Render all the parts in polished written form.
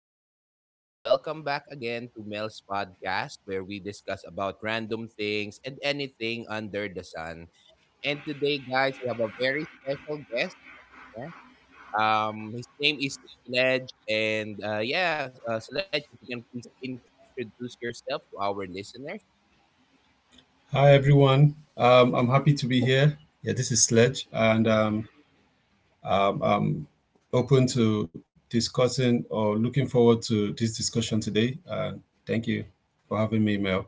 everyone? And welcome back again to Mel's podcast, where we discuss about random things and anything under the sun. And today, guys, we have a very special guest. Yeah. His name is Sledge. And yeah, Sledge, if you can please introduce yourself to our listeners. Hi, everyone. I'm happy to be here. Yeah, this is Sledge, and open to discussing or looking forward to this discussion today. And thank you for having me, Mel.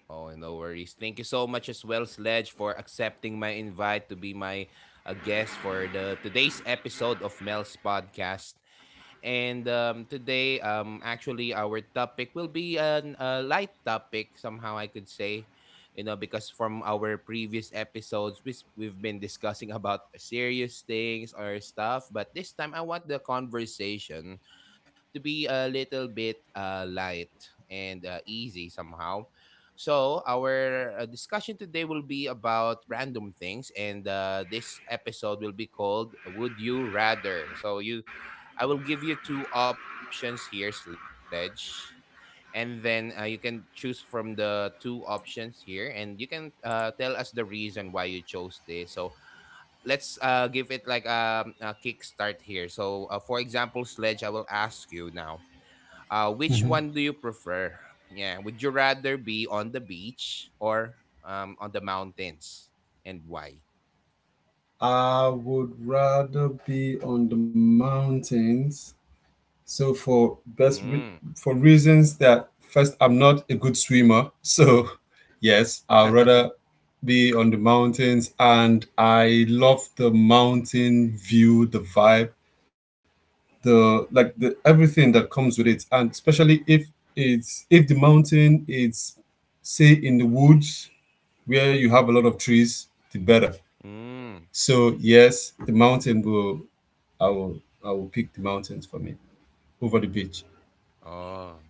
Oh, no worries. Thank you so much as well, Sledge, for accepting my invite to be my guest for the today's episode of Mel's podcast. And today, actually, our topic will be a light topic, somehow I could say, because from our previous episodes, we've been discussing about serious things or stuff. But this time, I want the conversation to be a little bit light and easy somehow. So, our discussion today will be about random things, and this episode will be called Would You Rather? So, you I will give you two options here, Sledge. And then you can choose from the two options here, and you can tell us the reason why you chose this. So let's give it like a kickstart here. So, for example, Sledge, I will ask you now which one do you prefer? Yeah, would you rather be on the beach or on the mountains, and why? I would rather be on the mountains. So for best re- Mm. for reasons that first, I'm not a good swimmer. So yes, I'd rather be on the mountains, and I love the mountain view, the vibe, the everything that comes with it, and especially if it's if the mountain is, say, in the woods, where you have a lot of trees, the better. Mm. So yes, the mountain, will I will I will pick the mountains for me over the beach. Oh,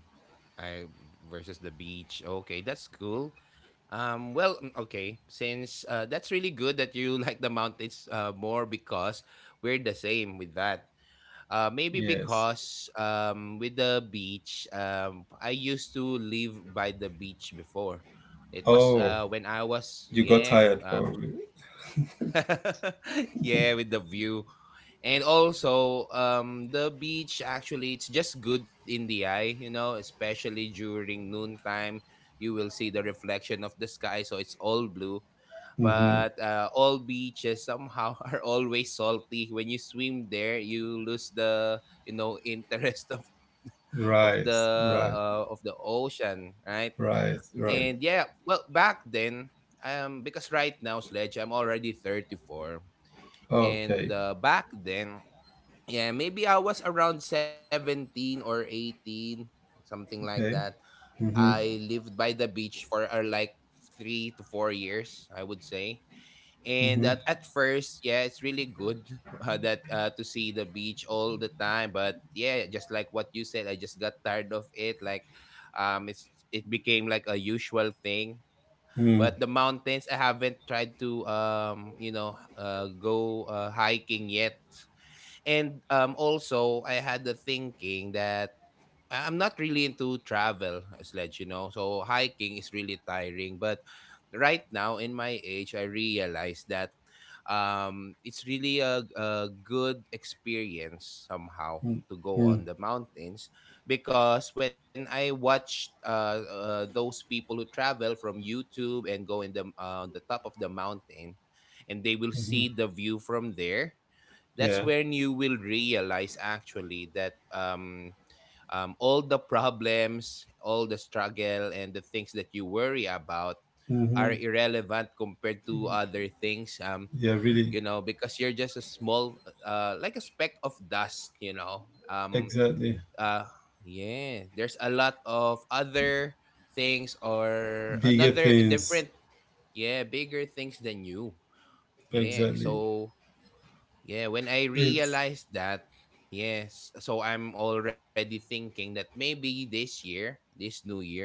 I versus the beach. Okay, that's cool. Well, okay, since that's really good that you like the mountains more, because we're the same with that. Maybe Yes. because with the beach, I used to live by the beach before. It was Oh, when I was, you got yeah, tired probably. yeah, with the view. And also the beach, actually, it's just good in the eye, especially during noontime. You will see the reflection of the sky, so it's all blue. But all beaches somehow are always salty. When you swim there, you lose the, interest of the Right, uh, right, of the ocean, right? right. And Right. yeah, well, back then, because right now, Sledge, I'm already 34. And Okay. Back then, yeah, maybe I was around 17 or 18, something like that. Okay. I lived by the beach for like 3 to 4 years, I would say. And that at first, yeah, it's really good, that to see the beach all the time. But yeah, just like what you said, I just got tired of it. Like, it became like a usual thing. Mm, But the mountains, I haven't tried to, go hiking yet. And also, I had the thinking that I'm not really into travel as ledge. So hiking is really tiring. But right now, in my age, I realize that it's really a good experience somehow to go on the mountains, because when I watched those people who travel from YouTube and go in the on the top of the mountain, and they will see the view from there, that's yeah. when you will realize, actually, that, all the problems, all the struggle, and the things that you worry about are Mm-hmm. irrelevant compared to other things. Yeah, really. Because you're just a small, like a speck of dust. Exactly. uh, yeah. There's a lot of other things, or Bigger another things. different, yeah, bigger things than you. Yeah. Exactly. So yeah, when I It's, realized that, yes, so I'm already thinking that maybe this year, this new year,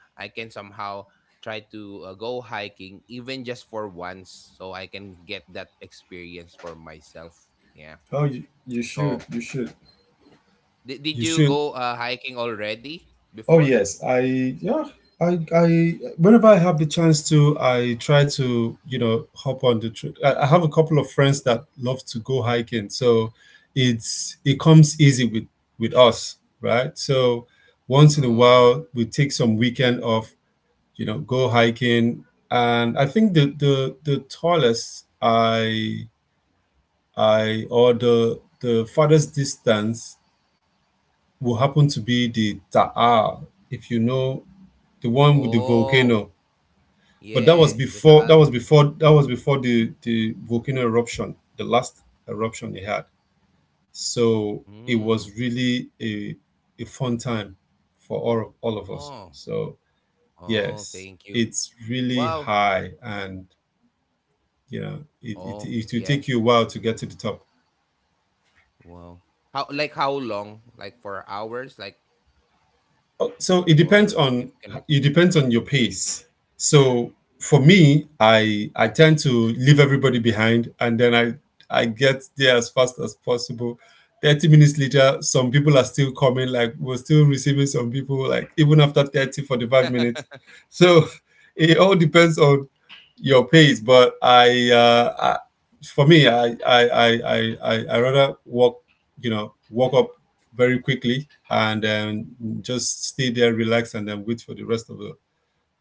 I can somehow try to go hiking, even just for once, so I can get that experience for myself. Yeah. oh, you, you should So, you should did you you should go hiking already Oh before? yes, I, whenever I have the chance to, I try to, you know, hop on the trip. I have a couple of friends that love to go hiking, so it comes easy with us, right? So once in a Oh. while we take some weekend off, you know, go hiking. And I think the tallest I, or the farthest distance will happen to be the Taal, if you know the one with the Oh. volcano. But that Yeah, was the before, Taal. The volcano eruption, the last eruption they had. So it Mm. was really a fun time for all of us. Oh. So Oh, yes, thank you. it's really Wow. high, and you know, it Oh, it will yeah. take you a while to get to the top. Wow. How Like, how long? Like, for hours? Like, so it or depends if you can on record? it depends on your pace. So for me, I tend to leave everybody behind, and then I get there as fast as possible. 30 minutes later, some people are still coming. Like we're still receiving some people. Like even after 30, 40, 5 minutes. So it all depends on your pace. But I for me, I rather walk, you know, walk up very quickly, and just stay there, relax, and then wait for the rest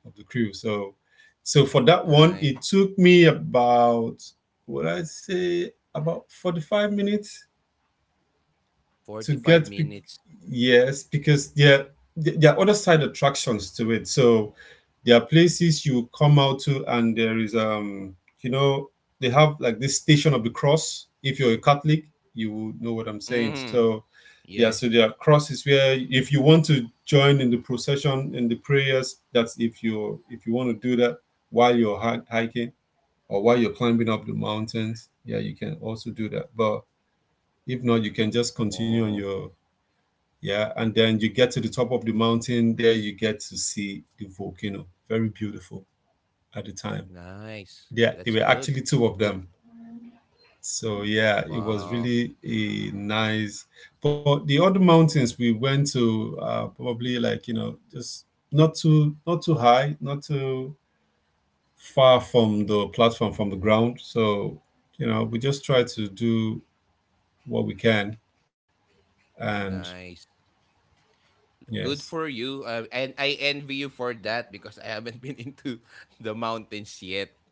of the crew. So, so for that one, Nice. it took me about, what I say, about 45 minutes to 45 get minutes. yes, because there are other side attractions to it. So there are places you come out to, and there is, you know, they have like this station of the cross. If you're a Catholic, you will know what I'm saying. Mm. So yeah, Yeah. so there are crosses where if you want to join in the procession, in the prayers, that's if you, if you want to do that while you're hiking, or while you're climbing up the mountains. Yeah, you can also do that, but if not, you can just continue on Oh, your, yeah. And then you get to the top of the mountain. There you get to see the volcano. Very beautiful at the time. nice. Yeah, there were That's actually good. two of them. Good. So yeah, it was Wow. really a nice. But the other mountains we went to are probably, like, you know, just not too high, not too far from the platform from the ground. So you know, we just try to do what we can. And Nice. yes, Good for you. And I envy you for that, because I haven't been into the mountains yet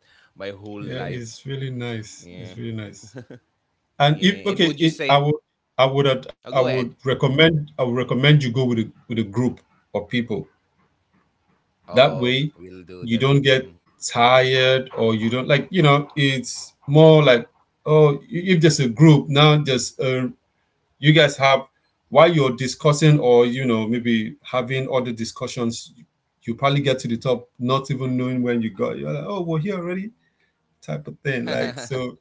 my whole yeah, it's life. really nice. It's really Yeah. nice. And if, okay, Yeah. And would it, you say, I would ad- oh, go ahead. I would recommend you go with a group of people. That way, Oh, we'll you do that. don't get tired, or you don't, like, you know, it's more like, oh, if there's a group, now there's, uh, you guys have, while you're discussing, or you know, maybe having other discussions, you probably get to the top not even knowing when you got, you're like, oh, we're here already, type of thing. Like Mm. so,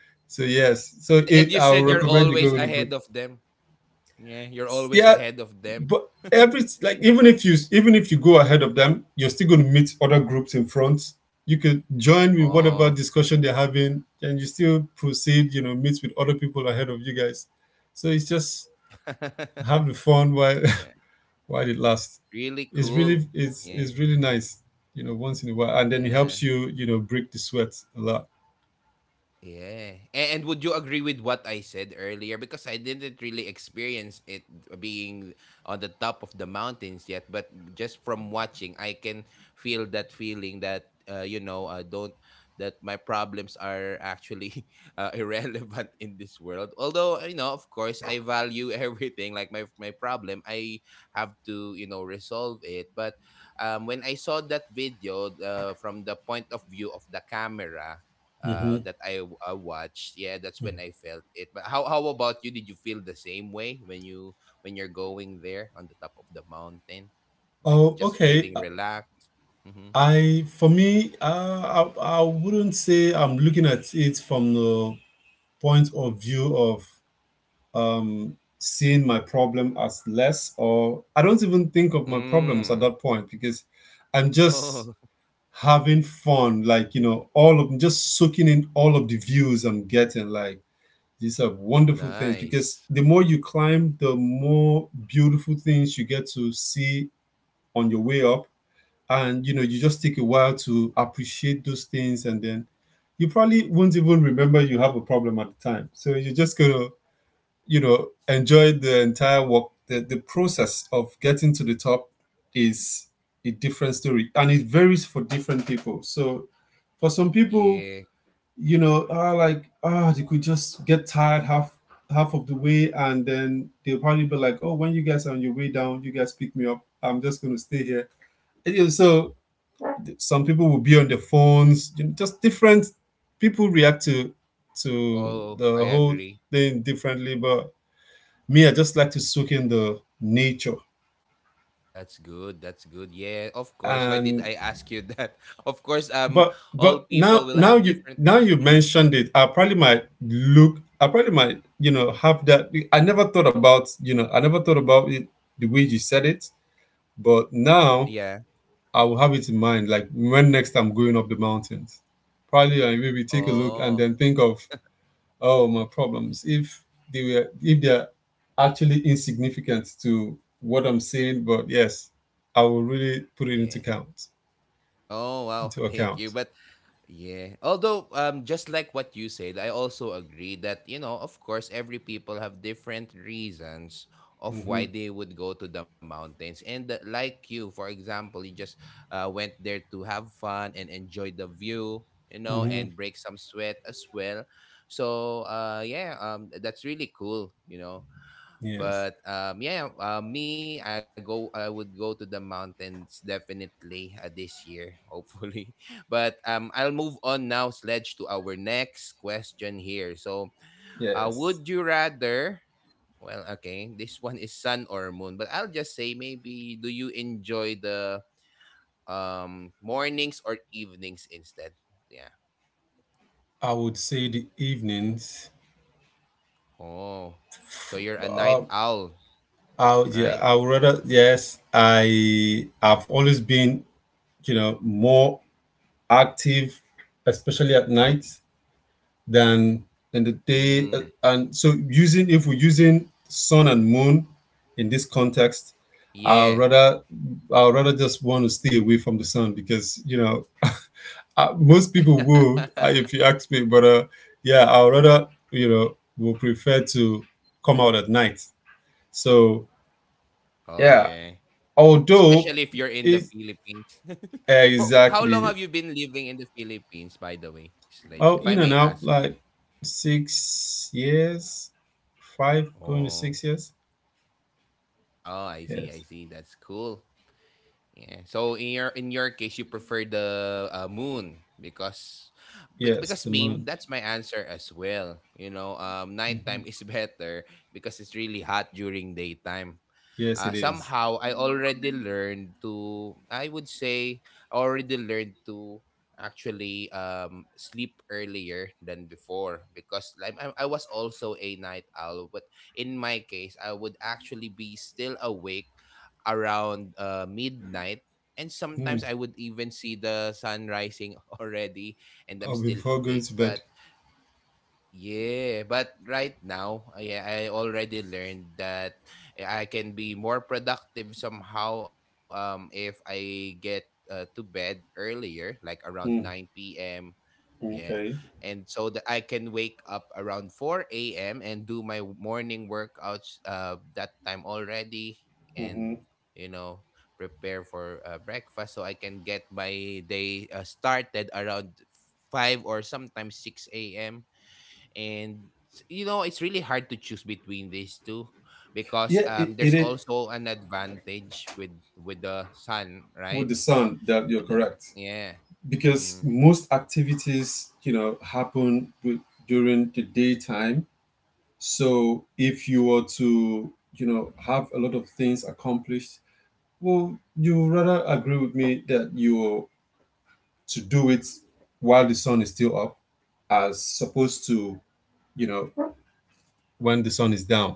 so yes, so And it, you i would said you're recommend you go always with a group. ahead of them. Yeah, you're always Yeah, ahead of them. but every, even if you go ahead of them, you're still going to meet other groups in front. You could join with whatever Oh. discussion they're having, and you still proceed, you know, meet with other people ahead of you guys. So it's just have the fun while Yeah, while it lasts. really it's cool. really it's Yeah. it's really nice, you know, once in a while, and then it Yeah. helps you, you know, break the sweat a lot. Yeah. And would you agree with what I said earlier? Because I didn't really experience it, being on the top of the mountains yet, but just from watching, I can feel that feeling that, don't, that my problems are actually irrelevant in this world. Although, of course, I value everything. Like my problem, I have to, resolve it. But when I saw that video, from the point of view of the camera, Hmm. that I watched. Yeah, that's when I felt it. But how about you? Did you feel the same way when you when you're going there on the top of the mountain, like, Oh, just feeling okay. relaxed? Mm-hmm. I for me uh, I, I wouldn't say I'm looking at it from the point of view of, seeing my problem as less, or I don't even think of my Mm. problems at that point, because I'm just Oh, having fun, like, you know, all of, just soaking in all of the views I'm getting. Like, these are wonderful things, because nice. the more you climb, the more beautiful things you get to see on your way up. And, you know, you just take a while to appreciate those things, and then you probably won't even remember you have a problem at the time. So you're just gonna, you know, enjoyed the entire work. The process of getting to the top is a different story, and it varies for different people. So for some people, Yeah. you know, are like, ah, they could just get tired half of the way, and then they'll probably be like, oh, when you guys are on your way down, you guys pick me up. I'm just going to stay here. And, you know, so some people will be on their phones, you know, just different people react to Oh, I the whole agree. thing differently. But me, I just like to soak in the nature. That's good. That's good. Yeah, of course. Why did And, I ask you that? Of course, but all but people now will now have you different. now you Mm, mentioned it, I probably might look. I probably might, you know, have that. I never thought about, you know, I never thought about it the way you said it. But mm, now yeah. I will have it in mind. Like, when next I'm going up the mountains, probably I maybe take a look, and Oh, then think of, oh, my problems, if they are actually insignificant to what I'm saying. But yes, I will really put it yeah. Oh, wow. into Thank you. account. But yeah. Although, just like what you said, I also agree that, of course, every people have different reasons of why they would go to the mountains. And like you, for example, you just went there to have fun and enjoy the view, and break some sweat as well. So, yeah, that's really cool. Yes. But yeah, me, I would go to the mountains, definitely, this year, hopefully. But I'll move on now, Sledge, to our next question here. So, Yes, would you rather? Well, okay, this one is sun or moon, but I'll just say, maybe do you enjoy the mornings or evenings instead? Yeah. I would say the evenings. Oh, so you're a um night owl, i yeah right? i would rather, yes, I, I've always been, you know, more active especially at night than in the Mm. day. And so, using, if we're using sun and moon in this context, Yeah. I'd rather I'd rather just want to stay away from the sun, because you know, most people would, if you ask me, but yeah, I'd rather, you know, will prefer to come out at night. So Oh yeah. yeah, Especially if you're although in the it's, Philippines. For, for how long have you exactly, been living in the Philippines, by the way, Sledge? If I oh, may in and ask out you. like 6 years, five going to six Oh, years. oh, I see, Yes, I see. That's cool. Yeah. So in your case, you prefer the moon, because bec- yes, because the me, moon. that's my answer as well. Nighttime is better because it's really hot during daytime. Yes, it is. Somehow I already learned to, I would say, I already learned to actually sleep earlier than before, because, like, I was also a night owl, but in my case, I would actually be still awake around midnight, and sometimes I Hmm. would even see the sun rising already, and I'm Oh, still before going awake, to but bed. yeah. But right now, yeah, I already learned that I can be more productive somehow if I get to bed earlier, like around Hmm. 9 p.m. Yeah. Okay. And so that I can wake up around 4 a.m. and do my morning workouts that time already, and, Mhm. you know, prepare for breakfast, so I can get my day started around 5 or sometimes 6 a.m. And it's really hard to choose between these two, because Yeah, it, it there's is also an advantage with the sun, right? with the sun, that with you're the correct, Yeah. because Mm. most activities, you know, happen with, during the daytime. So if you were to, you know, have a lot of things accomplished, well, you rather agree with me, that you to do it while the sun is still up, as opposed to, you know, when the sun is down.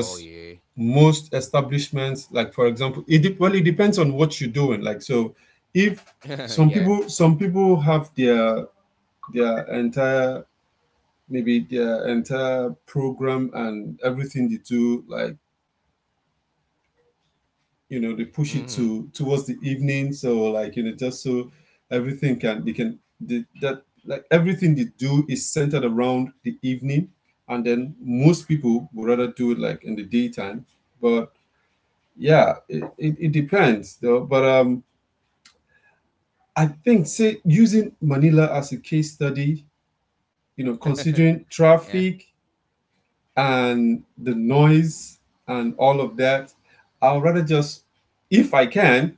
Oh yeah. most establishments, like, for example, it well, it depends on what you're doing, like so, if some Yeah. people some people have their entire, maybe their entire program and everything they do, like, you know, they push it Mm-hmm. to towards the evening, so, like, you know, just so everything can that like, everything they do is centered around the evening, and then most people would rather do it like in the daytime, but yeah, it depends, though. But I think, say, using Manila as a case study, you know, considering Yeah, traffic and the noise and all of that, I'll rather just, if I can,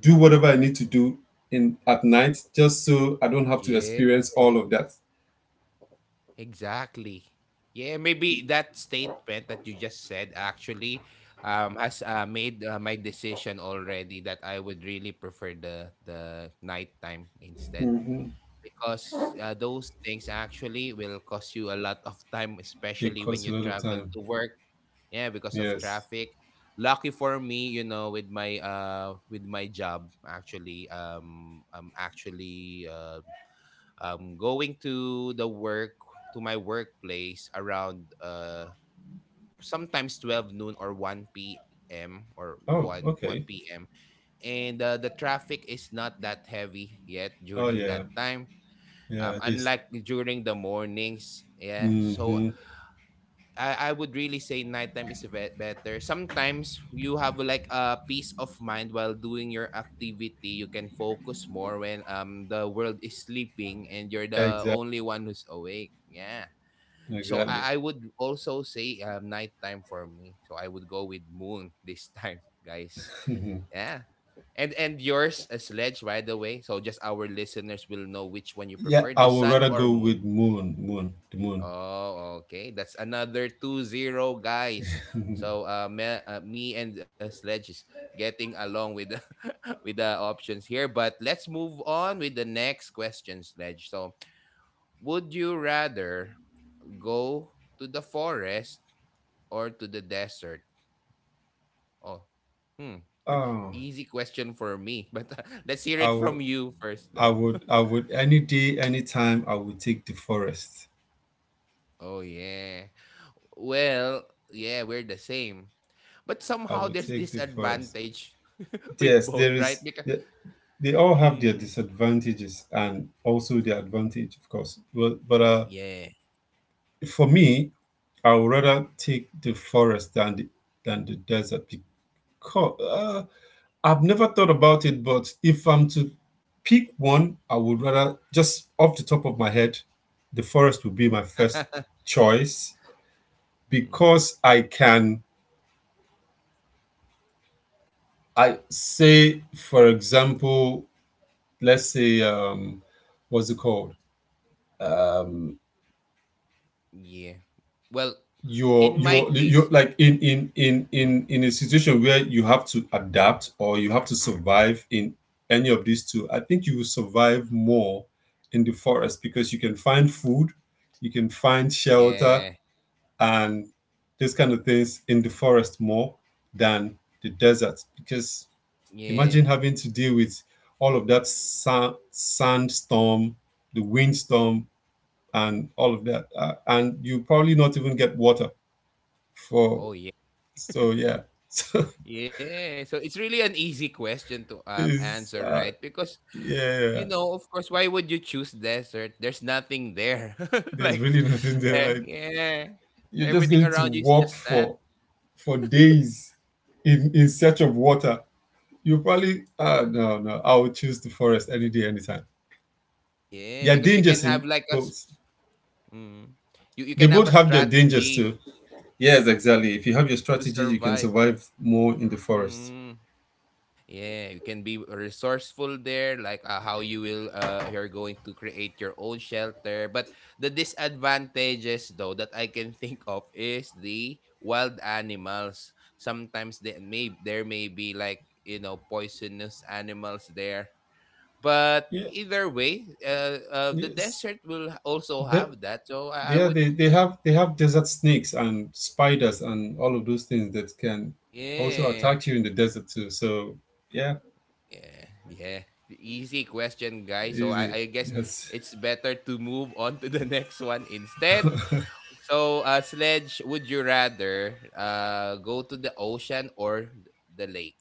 do whatever I need to do in at night, just so I don't have to yeah, experience all of that. exactly, yeah. Maybe that statement that you just said, actually, has made my decision already, that I would really prefer the nighttime instead, because those things actually will cost you a lot of time, It especially when costs a you lot of travel time. to work. Yeah, because of Yes. traffic. Lucky for me, with my job, actually, I'm actually going to my workplace around sometimes 12 noon or 1 p.m. or Oh, okay. 1 p.m. And the traffic is not that heavy yet Oh during yeah. that time, Yeah. This. unlike during the mornings. Yeah. So Mm-hmm. I would really say nighttime is better. Sometimes you have, like, a peace of mind while doing your activity. You can focus more when the world is sleeping and you're the only Exactly. one who's awake. Yeah. So Exactly. I would also say nighttime for me. So I would go with moon this time, guys. Yeah. And yours, a Sledge, by the way. So just our listeners will know which one you Yeah, prefer, I the would sun rather or go with moon. moon, the moon. Oh, okay. That's another 2-0, guys. So me and Sledge is getting along with with the options here. But let's move on with the next question, Sledge. So, would you rather go to the forest or to the desert? Oh, hmm. Oh, Easy question for me. But let's hear I it would, from you first, though. I would. Any day, any time, I would take the forest. Oh yeah. Well, yeah, we're the same. But I somehow would there's take this the forest. advantage with Yes, both, there right? is. Because They all have their mm, disadvantages, and also their advantage, of course. But, yeah. for me, I would rather take the forest than the desert, because I've never thought about it, but if I'm to pick one, I would rather, just off the top of my head, the forest would be my first choice. hmm Because I can. I Yeah. say, for example, let's say, what's it called? Yeah. Well, you're in my you're you're case. like in mm, in in mm, in in a situation where you have to adapt or you have to survive in any of these two. I think you will survive more in the forest because you can find food, you can find shelter, yeah. and these kind of things in the forest more than the desert because imagine Yeah. having to deal with all of that sandstorm, the windstorm, and all of that, and you probably not even get water for. Oh yeah. So yeah, so Yeah. So it's really an easy question to is answer, right? Because yeah, you know, of course, why would you choose desert? There's nothing there. there's Like, really nothing there. Like yeah, you're just everything going to around you is walk just for sand. Days in search of water. You probably, no, no. I would choose the forest any day, anytime. Yeah, There are because you dangers can have in like both. Mm, you They can have both a have their dangers strategy too. Yes, exactly. If you have your to strategy, you can survive. survive more in the forest. Mm. Yeah, you can be resourceful there, like how you will you're going to create your own shelter. But the disadvantages though that I can think of is the wild animals. Sometimes they may there may be like, you know, poisonous animals there. But Yeah. either way, the Yes. desert will also That have that. So I Yeah, would. they have desert snakes and spiders and all of those things that can also Yeah. attack you in the desert too, so yeah. Yeah, yeah. The easy question, guys. So Easy. I guess Yes. it's better to move on to the next one instead. So, Sledge, would you rather go to the ocean or the lake?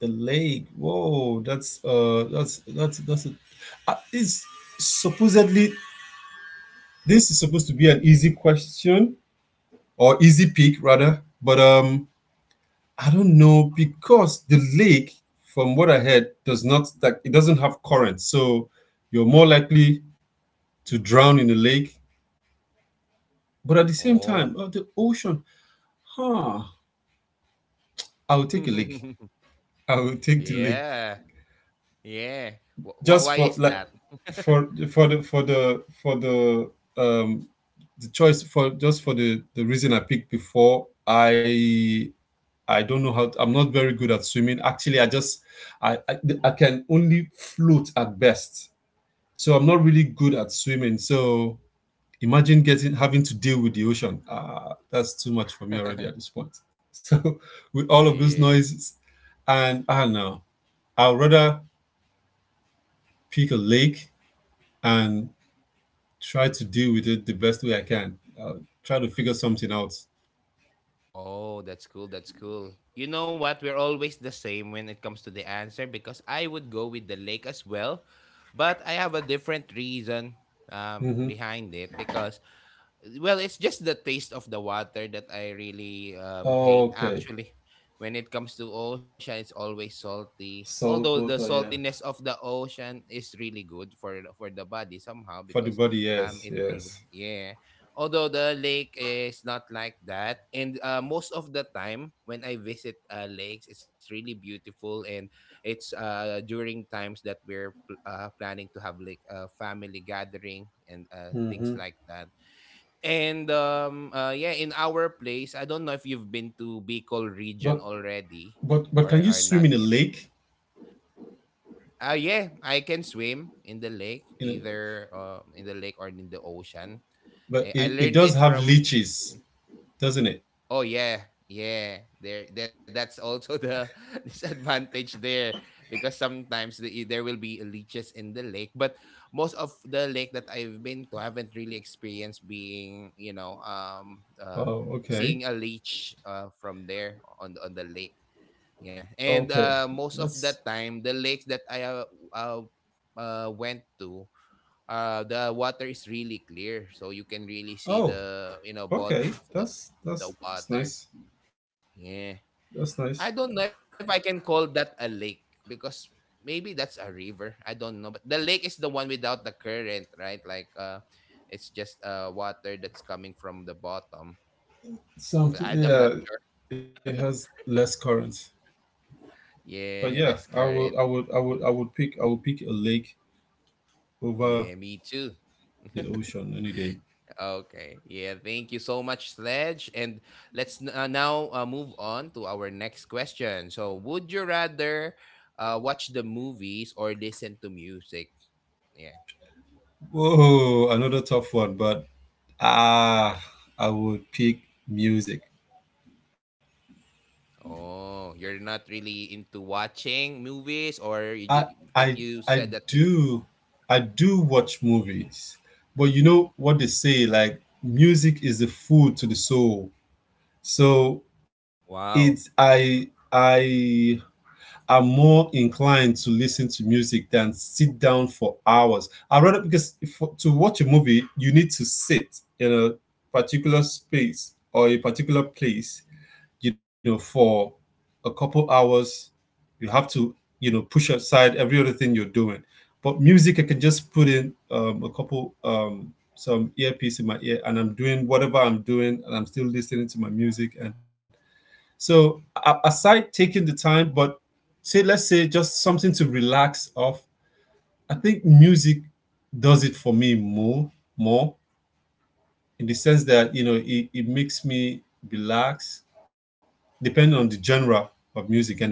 The lake. Whoa, that's a, it's supposedly — this is supposed to be an Yeah. easy question, or easy pick rather, but I don't know because the lake, from what I heard, does not, like, it doesn't have current, so you're more likely to drown in the lake. But at the same time, Oh. The ocean, huh? I will take a lake. I will take the lake Yeah. Yeah. Just Why for is like that? For the for the for the the choice, for just for the reason I picked before. I don't know how. To, I'm not very good at swimming. Actually, I just I I, I can only float at best. So I'm not really good at swimming. So imagine getting having to deal with the ocean. That's too much for me already at this point. So with all of those Yeah. noises. And I don't know. I'd rather pick a lake and try to deal with it the best way I can. I'll try to figure something out. Oh, that's cool. That's cool. You know what? We're always the same when it comes to the answer because I would go with the lake as well, but I have a different reason Mm-hmm. behind it. Because well, it's just the taste of the water that I really hate. Okay. Actually, when it comes to ocean, it's always salty. Although Salt the water, yeah. saltiness of the ocean is really good for the body somehow For the because body, yes, it will be- yes. yeah. Although the lake is not like that, and most of the time when I visit lakes, it's really beautiful, and it's during times that we're planning to have like a family gathering and things like that. And yeah, in our place, I don't know if you've been to Bicol But region already but can you or swim in a not yet. lake? Ah yeah, I can swim in the lake, In a, either in the lake or in the ocean. but Eh, I it learned does it have from. leeches, doesn't it? Oh yeah, yeah. There, that's also the disadvantage there because sometimes there will be leeches in the lake. But most of the lake that I've been to, I haven't really experienced being, you know, Oh, okay. seeing a leech from there on the lake. Yeah, and Okay. Most of That's the time, the lakes that I uh, went to, the water is really clear, so you can really see Oh, the, you know, okay. bottom of That's that's the that's nice. water. That's Yeah, nice. I don't know if I can call that a lake because maybe that's a river. I don't know, but the lake is the one without the current, right? Like it's just water that's coming from the bottom. Something, But I'm yeah, not sure. it has less current. But Yeah, yeah, less current. I Mm. would pick, I would pick a lake over Yeah, me too. the ocean any day. Okay. Yeah, thank you so much, Sledge. And now move on to our next question. So, would you rather watch the movies or listen to music? Yeah. Whoa, another tough one, but ah, I would pick music. Oh, you're not really into watching movies or you I, just it, I, you I said that because do, I do watch movies, but you know what they say, like music is the food to the soul. So it's wow, I are more inclined to listen to music than sit down for hours. I rather because to watch a movie, you need to sit in a particular space or a particular place, for a couple hours. You have to, push aside every other thing you're doing. But music, I can just put in some earpiece in my ear, and I'm doing whatever I'm doing, and I'm still listening to my music. And so, aside taking the time, but say let's say just something to relax off. I think music does it for me more, in the sense that, you know, it makes me relax depending on the genre of music anyway.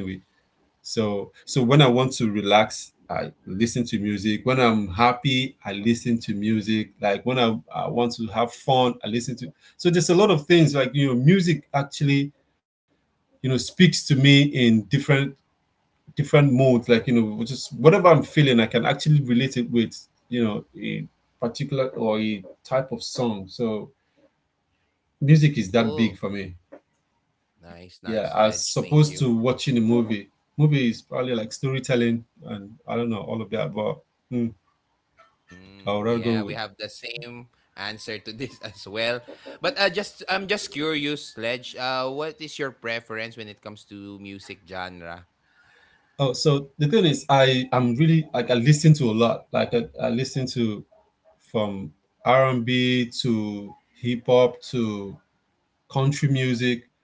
So when I want to relax, I listen to music. When I'm happy, I listen to music. Like when I want to have fun, I listen to. So there's a lot of things, like, music actually, speaks to me in different moods, like, just whatever I'm feeling, I can actually relate it with, a particular or a type of song. So music is that cool. big for me. Nice, Yeah, nice, as Ledge. Thank opposed you. to watching a movie. Movie is probably like storytelling and I don't know all of that, but hmm, I Mm, would rather yeah, go we with. have the same answer to this as well. But just I'm just curious, Sledge. What is your preference when it comes to music genre? Oh, so the thing is, I'm really, like, I listen to a lot. Like I listen to, from R&B to hip hop to country music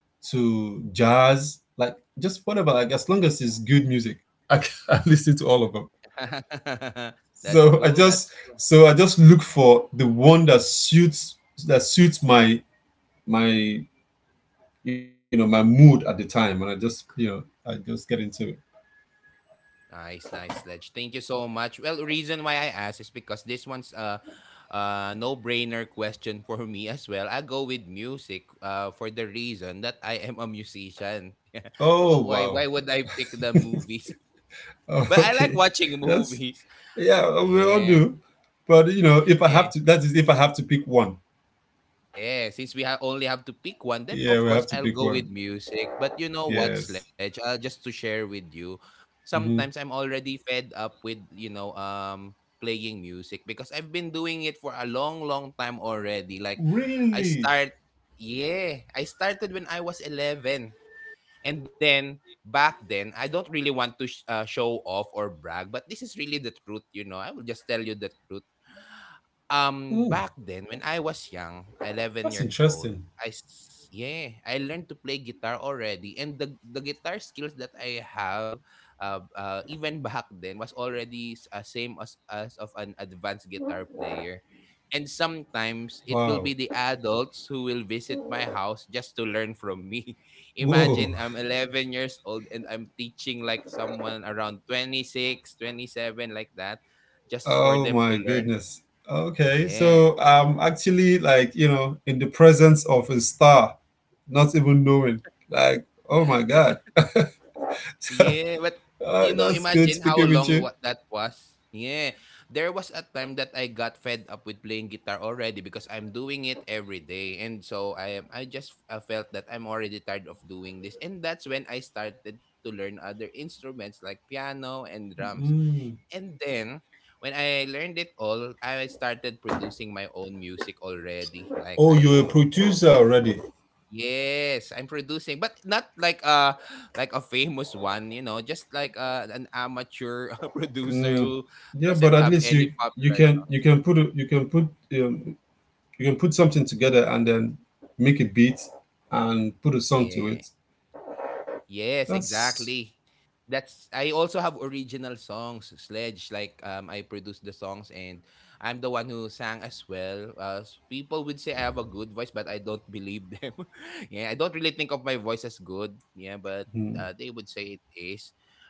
to jazz, like just whatever, like as long as it's good music, I can listen to all of them. That's So I cool. just That's cool. Look for the one that suits my my my mood at the time, and I just get into it. Nice, nice, Ledge. Thank you so much. Well, reason why I asked is because this one's a no-brainer question for me as well. I go with music for the reason that I am a musician. Yeah. So Oh why wow, would I pick the movies? oh, But I like okay. watching that's movies. Yeah, we all Yeah. do, but if I Yeah. have to, that is, if I have to pick one, Yeah, since we only have to pick one, then yeah, of we course have to I'll pick go with one. music. But you know what, Yes. Sledge? Just to share with you, sometimes hmm I'm already fed up with, you know, playing music because I've been doing it for a long, long time already. I Really. start, yeah, I started when I was 11. And then back then, I don't really want to show off or brag, but this is really the truth, you know. I will just tell you the truth. Mm, Back then when I was young, 11 that's years old, interesting. Yeah, I learned to play guitar already, and the guitar skills that I have, even back then was already same as of an advanced guitar player. And sometimes it will Wow. be the adults who will visit my house just to learn from me. Imagine Whoa. I'm 11 years old and I'm teaching like someone around 26, 27 like that just for Oh them to my learn. goodness. Okay. Yeah. So I'm actually, like, in the presence of a star, not even knowing. Like, oh my God. Yeah, but you know, That's good imagine how speaking with long you. what that was. Yeah. There was a time that I got fed up with playing guitar already because I'm doing it every day. And so I just felt that I'm already tired of doing this. And that's when I started to learn other instruments like piano and drums. Mm. And then when I learned it all, I started producing my own music already. Like Oh, you're a I. producer already. Yes, I'm producing, but not like like a famous one, you know, just like an amateur producer Mm. who Yeah, but doesn't at have least any popular stuff. You can put something together and then make a beat and put a song to it. Yeah. Yes, That's exactly. That's, I also have original songs, Sledge. Like I produced the songs and I'm the one who sang as well. People would say I have a good voice, but I don't believe them. Yeah, I don't really think of my voice as good. Yeah, but they would say it is.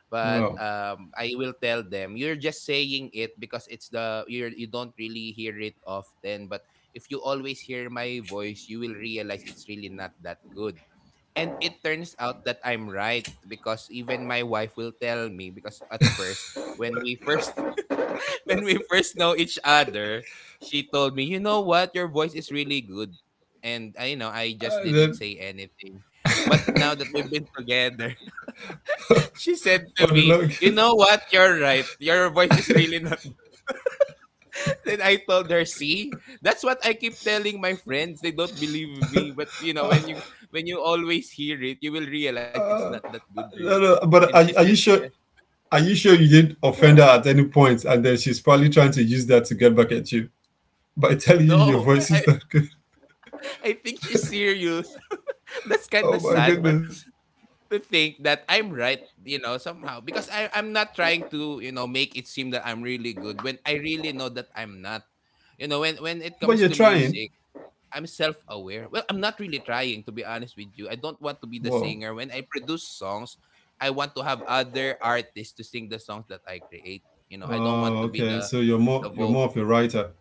But Wow. I will tell them you're just saying it because it's the you're you don't really hear it often. But if you always hear my voice, you will realize it's really not that good and it turns out that I'm right because even my wife will tell me. Because at first when we first when we first know each other, she told me, "You know what? Your voice is really good." And I, you know, I just didn't Then say anything. But now that we've been together, she said to what a me, luck. "You know what? You're right. Your voice is really not." Then I told her, see, that's what I keep telling my friends. They don't believe me, but you know, when you always hear it, you will realize it's not that good, No, really. no, but And she are said, you sure? yeah, Are you sure you didn't offend her at any point, and then she's probably trying to use that to get back at you by telling you your no, voice is not good? I think she's serious. That's kind Oh of my sad, but goodness! to think that I'm right, you know, somehow because I'm not trying to, you know, make it seem that I'm really good when I really know that I'm not. You know, when it But you're comes to trying. music I'm self-aware. Well, I'm not really trying, to be honest with you. I don't want to be the Whoa. singer. When I produce songs, I want to have other artists to sing the songs that I create. You know, I don't want Oh, to be okay. So you're more the you're vocal. more of a writer.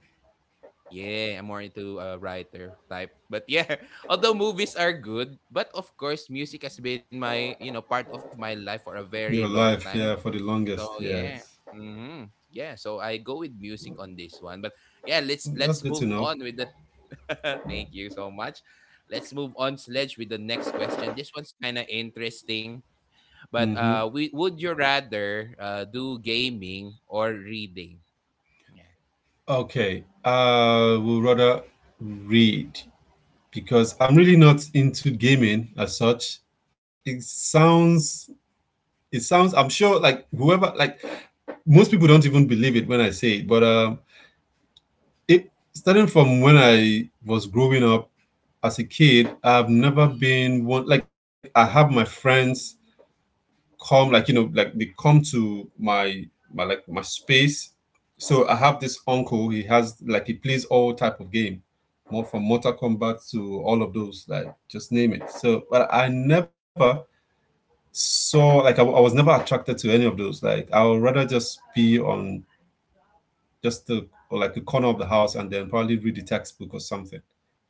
Yeah, I'm more into a writer type. But yeah, although movies are good, but of course, music has been my, you know, part of my life for a very Your long life, time. yeah, for the So longest. yeah, Yes, hmm yeah. So I go with music on this one. But yeah, that's let's good to move know. on with the Thank you so much. Let's move on, Sledge, with the next question. This one's kind of interesting, but would you rather do gaming or reading? Yeah. Okay, I will rather read because I'm really not into gaming as such. It sounds, it sounds. I'm sure, like whoever, like most people don't even believe it when I say it, but it starting from when I was growing up as a kid, I've never been one. Like I have my friends come like you know like they come to my space. So I have this uncle. He has like he plays all type of game, more from Mortal Kombat to all of those, like, just name it. So but I never saw, like, I was never attracted to any of those. Like I would rather just be on just the or like a corner of the house and then probably read the textbook or something.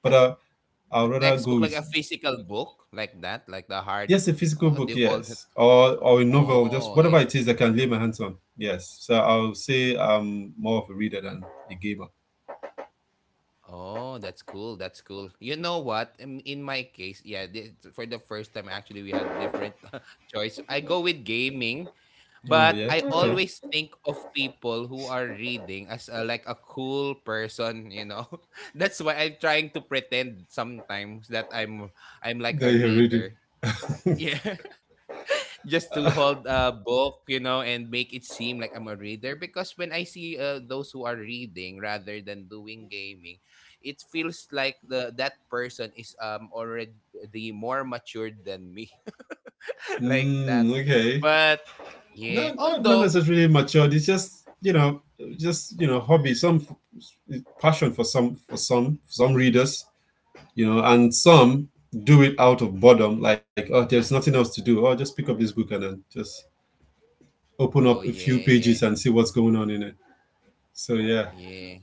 But I'd A rather go textbook, with. like a physical book, like that, like Yes, the a hard. physical book, What do yes, you call that? or a novel, just Oh. whatever it is I can lay my hands on. Yes, so I'll say I'm more of a reader than a gamer. Oh, that's cool. That's cool. You know what? In my case, yeah, for the first time, actually, we had different choice. I go with gaming, Oh but yeah, I okay. always think of people who are reading as like a cool person. You know, that's why I'm trying to pretend sometimes that I'm like There a you're reading. reader. Yeah. Just to hold a book, you know, and make it seem like I'm a reader. Because when I see those who are reading rather than doing gaming, it feels like the that person is already more matured than me, Mm, like that. okay. But Not, not yeah, not necessarily although matured. It's just, just, hobby, some passion for some readers, and some do it out of boredom, like, oh, there's nothing else to do. Oh, just pick up this book and then just open oh up a few yeah, pages and see what's going on in it. So, yeah. yeah.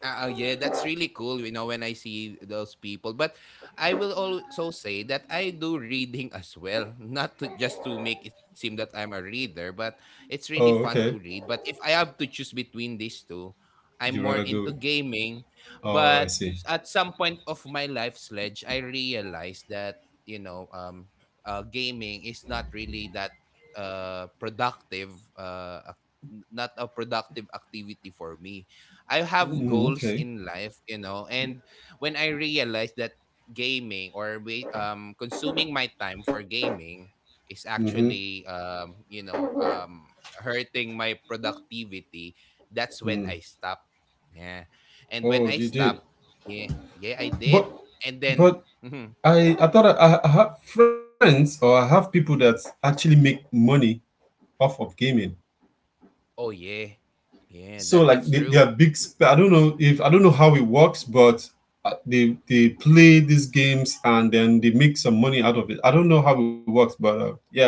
Yeah, that's really cool, you know, when I see those people. But I will also say that I do reading as well, not to, just to make it seem that I'm a reader, but it's really fun Oh, to okay. read. But if I have to choose between these two, I'm You more rather into go. gaming. Oh, I But see. at some point of my life, Sledge, I realized that, you know, um, gaming is not really that productive, not a productive activity for me. I have Mm, goals okay. in life, you know. And when I realized that gaming or we consuming my time for gaming is Hmm. actually hurting my productivity, that's when I stopped. Yeah. And when Oh, I you did. stopped, yeah, yeah, I did. But, And then but mhm, I thought I have friends, or I have people that actually make money off of gaming. oh yeah. Yeah, So that like that's they true. are big, I don't know, if I don't know how it works, but they play these games and then they make some money out of it. I don't know how it works, but yeah,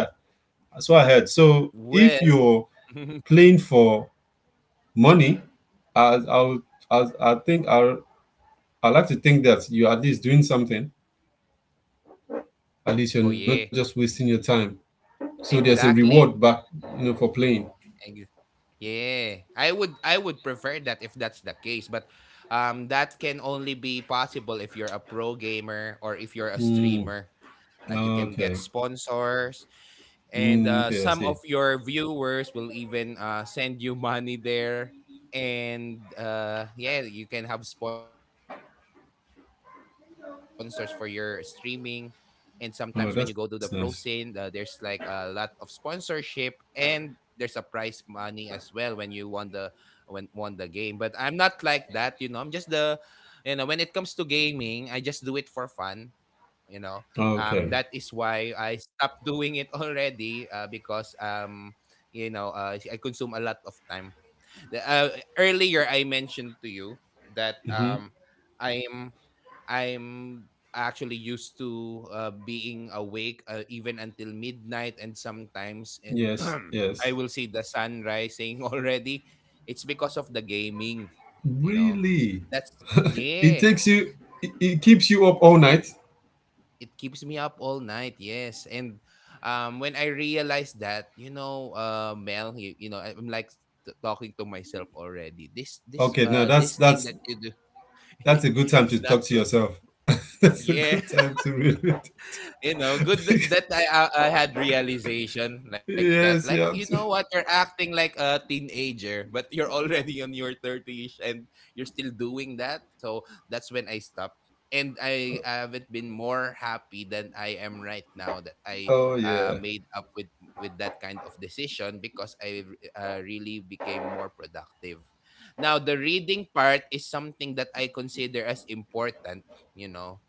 that's what I heard. So Well, if you're playing for money, as i would- as I think, I like to think that you're at least doing something. At least you're not oh just yeah. wasting your time, so there's a reward back, Exactly. For playing. Ex- Yeah, I would prefer that if that's the case, but that can only be possible if you're a pro gamer or if you're a Mm, streamer. Like you can get okay. sponsors, Mm, and okay, I see. some of your viewers will even send you money there, and yeah, you can have sponsors for your streaming. And sometimes when you go to the pro scene, there's like Oh, that's a nice. lot of sponsorship and there's a prize money as well when you won the game. But I'm not like that, you know. I'm just the you know, when it comes to gaming, I just do it for fun, you know. That is Okay. why I stopped doing it already, because you know, I consume a lot of time. Earlier I mentioned to you that i am I'm actually used to, being awake, even until midnight, and sometimes Yes, in yes. I will see the sun rising already. It's because of the gaming, you know. Really? That's It yeah, takes you, it keeps you up all night? it keeps me up all night. Yes. And when I realized that, you know, Mel, you know, I'm like talking to myself already. This this Okay, no, uh that's this thing that's that you do, that's a good time to it's not talk to good. yourself. That's a Yeah. good time to read it. That I had realization like that. Yes, Like, yeah. you have know what, you're acting like a teenager but you're already on your 30s and you're still doing that. So that's when I stopped. And I haven't been more happy than I am right now that I, Oh yeah. made up with that kind of decision, because I, really became more productive. Now the reading part is something that I consider as important, you know.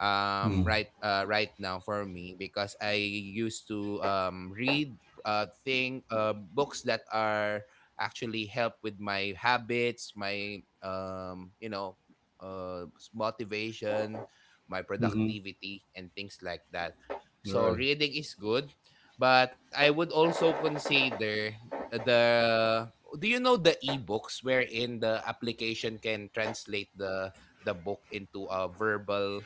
Right now for me, because I used to read, thing books that are actually help with my habits, my you know, motivation, my Hmm. productivity and things like that. So Right. reading is good, but I would also consider the do you know the ebooks wherein the application can translate the book into a verbal,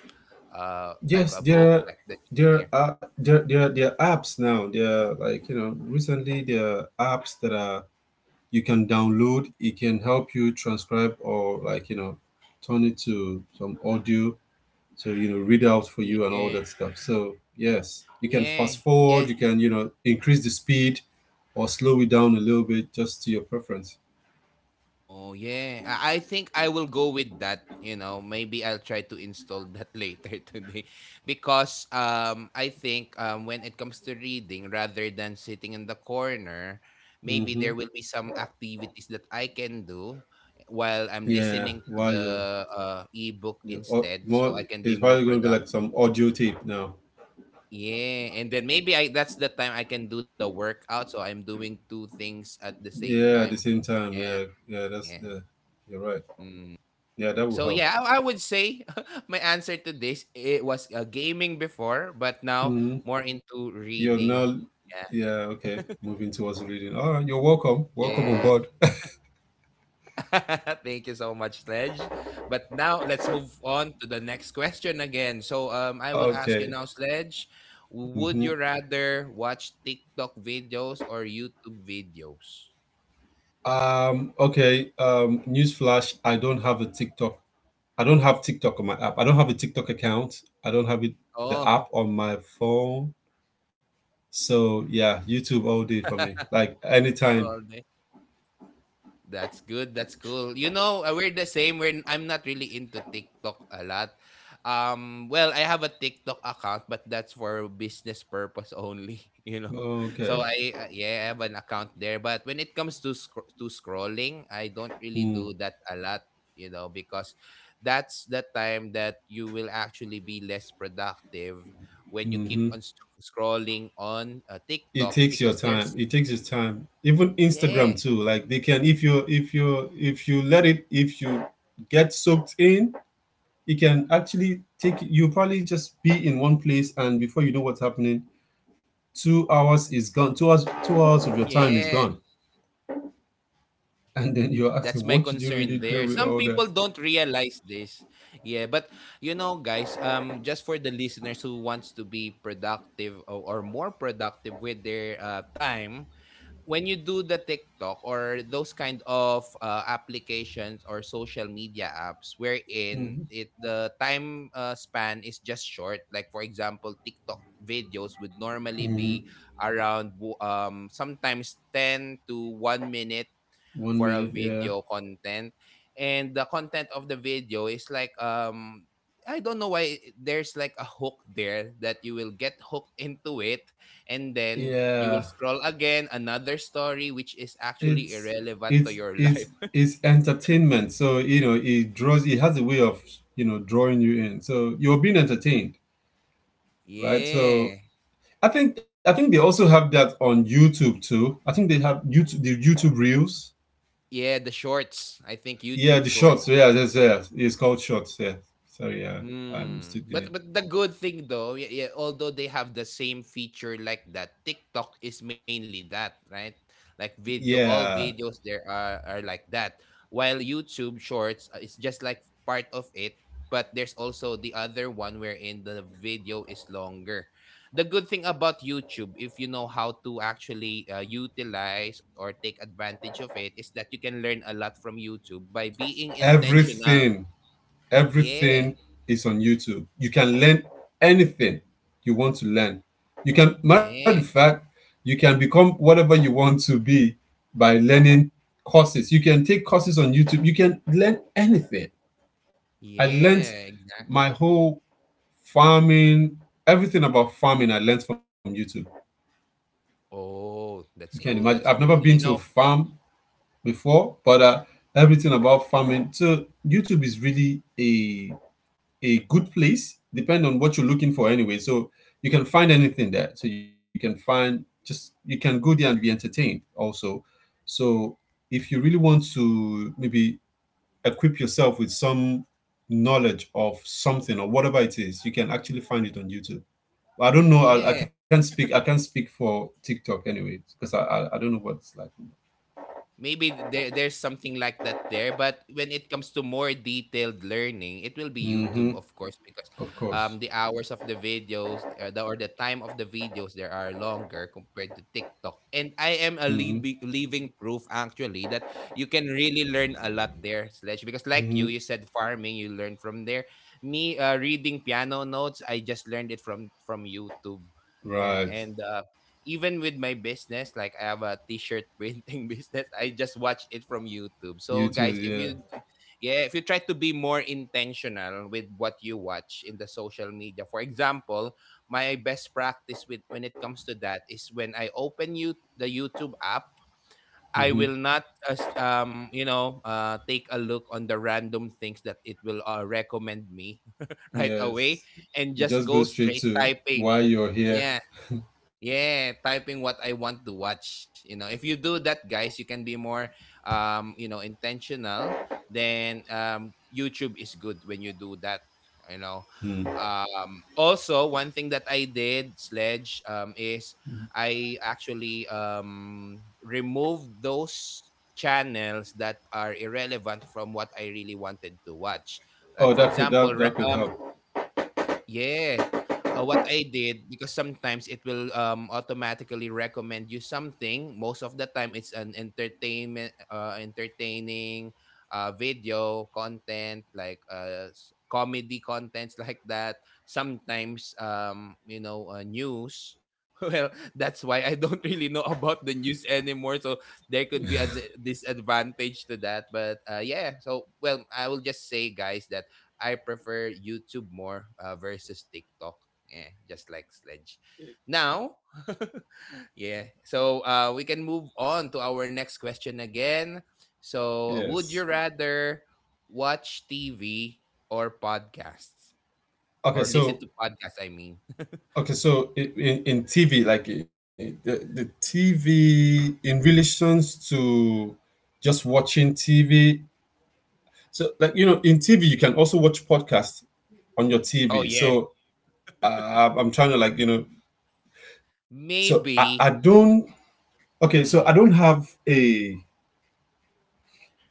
like Yes, a book there are like that you can hear. There are, there are apps now. There are, like, recently there are apps that are you can download. It can help you transcribe, or like, turn it to some audio, to, read out for you and all that Yeah, stuff. So yes, you can yeah, fast forward, yeah. you can, increase the speed or slow it down a little bit, just to your preference. Oh yeah. I think I will go with that, you know. Maybe I'll try to install that later today. Because I think when it comes to reading rather than sitting in the corner, maybe Mm-hmm. there will be some activities that I can do while I'm Yeah, listening to while the ebook you're au- instead, so more I can be it's more probably going to be like productive. some audio tape now. Yeah, and then maybe I that's the time I can do the workout, so I'm doing two things at the same Yeah, at the time. same time. Yeah, Yeah, yeah. that's yeah. Yeah, you're right. Mm. Yeah, that will So help. yeah, I would say my answer to this, it was gaming before, but now Mm-hmm. more into you're now reading. Yeah, okay, moving towards reading, all right. You're welcome, welcome Yeah, yeah. aboard. Thank you so much, Sledge. But now let's move on to the next question again. So I will ask you Okay. now, Sledge. hmm Would you rather watch TikTok videos or YouTube videos? Okay. Newsflash: I don't have a TikTok. I don't have TikTok on my app. I don't have a TikTok account. I don't have it, the Oh, app on my phone. So yeah, YouTube all day for me. Like anytime. all day. That's good. That's cool. You know, we're the same. I'm not really into TikTok a lot. Well, I have a TikTok account, but that's for business purpose only. You know, so Okay. I, yeah, I have an account there. But when it comes to to scrolling, I don't really do that a lot. You know, because that's the time that you will actually be less productive when you keep on scrolling on It TikTok, takes your because time. there's It takes its time. Even yeah. Instagram too. Like they can, if you let it, if you get soaked in, it can actually take you. Probably just be in one place, and before you know what's happening, 2 hours is gone, 2 hours, 2 hours of your time is Yeah, gone. And then you're that's asking, my what did you concern really there. do with Some all that? people don't realize this. Yeah, but you know, guys, just for the listeners who wants to be productive, or more productive with their time, when you do the TikTok or those kind of applications or social media apps, wherein Mhm. it the time span is just short. Like for example, TikTok videos would normally be around sometimes 10 to 1 minute for one a minute yeah. video content, and the content of the video is like, I don't know why there's like a hook there that you will get hooked into it, and then you Yeah, will scroll again another story which is actually it's irrelevant to it's your it's life. it's entertainment, so you know, it draws, it has a way of, you know, drawing you in, so you're being entertained, right? Yeah. So I think they also have that on YouTube too. I think they have YouTube, the YouTube reels. Yeah, the shorts. I think Yeah, YouTube the shorts. shorts. Yeah, yes, yes, it's called shorts, yeah. Sorry, yeah. I'm Mm. mistaken it. But the good thing though, yeah, yeah, although they have the same feature like that, TikTok is mainly that, right? Like video, all Yeah. videos there are like that. While YouTube Shorts is just like part of it, but there's also the other one wherein the video is longer. The good thing about YouTube, if you know how to actually utilize or take advantage of it, is that you can learn a lot from YouTube by being intentional. Everything, Yeah. everything is on YouTube. You can learn anything you want to learn. You can, matter of Yeah. fact, you can become whatever you want to be by learning courses. You can take courses on YouTube. You can learn anything. I learned Yeah, my exactly. whole farming, everything about farming, I learned from YouTube. Oh, You can that's imagine. cool, I've that's never cool. been to You a know farm before, but everything about farming. So YouTube is really a good place, depend on what you're looking for anyway. So you can find anything there. So you can find, just you can go there and be entertained also. So if you really want to maybe equip yourself with some knowledge of something or whatever it is, you can actually find it on YouTube. I don't know. I yeah. can't speak. I can't speak for TikTok anyway because I don't know what it's like. Maybe there there's something like that there, but when it comes to more detailed learning, it will be YouTube Mm-hmm. of course, because Of course. the hours of the videos, or the time of the videos there are longer compared to TikTok, and I am a Mm-hmm. Living proof actually that you can really learn a lot there, Sledge, because like Mm-hmm. you said farming you learn from there, me, reading piano notes, I just learned it from YouTube. Yeah. Right. And, even with my business, like I have a t-shirt printing business, I just watch it from YouTube. So YouTube. guys, if you Yeah. yeah, if you try to be more intentional with what you watch in the social media. For example, my best practice with when it comes to that is when I open you the YouTube app, Mm-hmm. I will not as take a look on the random things that it will recommend me right away, Yes. and You just just go go straight straight to typing. why you're here. Yeah, yeah, typing what I want to watch. You know, if you do that, guys, you can be more, you know, intentional. Then YouTube is good when you do that. You know, Hmm. Also one thing that I did, Sledge, is I actually removed those channels that are irrelevant from what I really wanted to watch. Like Oh, for that could, example, that could help. yeah. What I did, because sometimes it will automatically recommend you something. Most of the time, it's an entertainment, entertaining, video content like, comedy contents like that. Sometimes, you know, news. Well, that's why I don't really know about the news anymore. So there could be a disadvantage to that. But yeah, so well, I will just say, guys, that I prefer YouTube more versus TikTok. Yeah, just like Sledge. Now, yeah. So we can move on to our next question again. So, Yes. would you rather watch TV or podcasts Okay. or listen So to podcasts? I mean, okay. So in TV, like the TV in relations to just watching TV. So like you know, in TV you can also watch podcasts on your oh TV. yeah, So I'm trying to, like, you know. So I maybe. don't, okay. So I don't Mm, have a,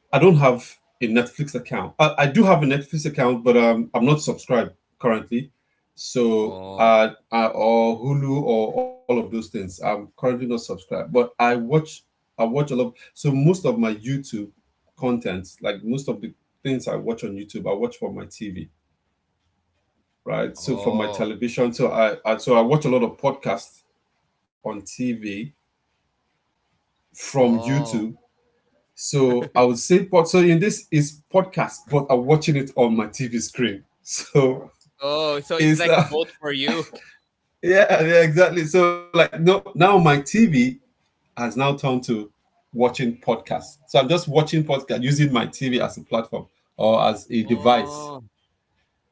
I don't have a Netflix account. I do have a Netflix account, but I'm not subscribed currently. So, oh, or Hulu or all of those things. I'm currently not subscribed, but I watch. I watch a lot. So most of my YouTube content, like most of the things I watch on YouTube, I watch from my TV, right? So from my oh, television. So I watch a lot of podcasts on TV from YouTube. oh, So I would say, pod, so in this is podcast, but I'm watching it on my TV screen. So oh. So it's is like that, both for you. yeah, yeah, exactly. So like no, now my TV has now turned to watching podcasts. So I'm just watching podcast using my TV as a platform or as a device, Oh,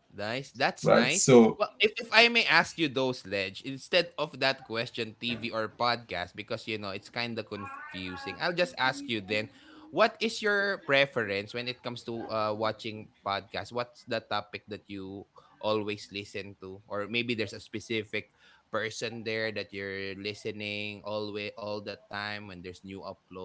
nice. That's right? nice. So Well, if I may ask you though, Sledge, instead of that question, TV or podcast, because you know it's kind of confusing, I'll just ask you then, what is your preference when it comes to watching podcasts? What's the topic that you always listen to? Or maybe there's a specific person there that you're listening always all the time when there's new upload.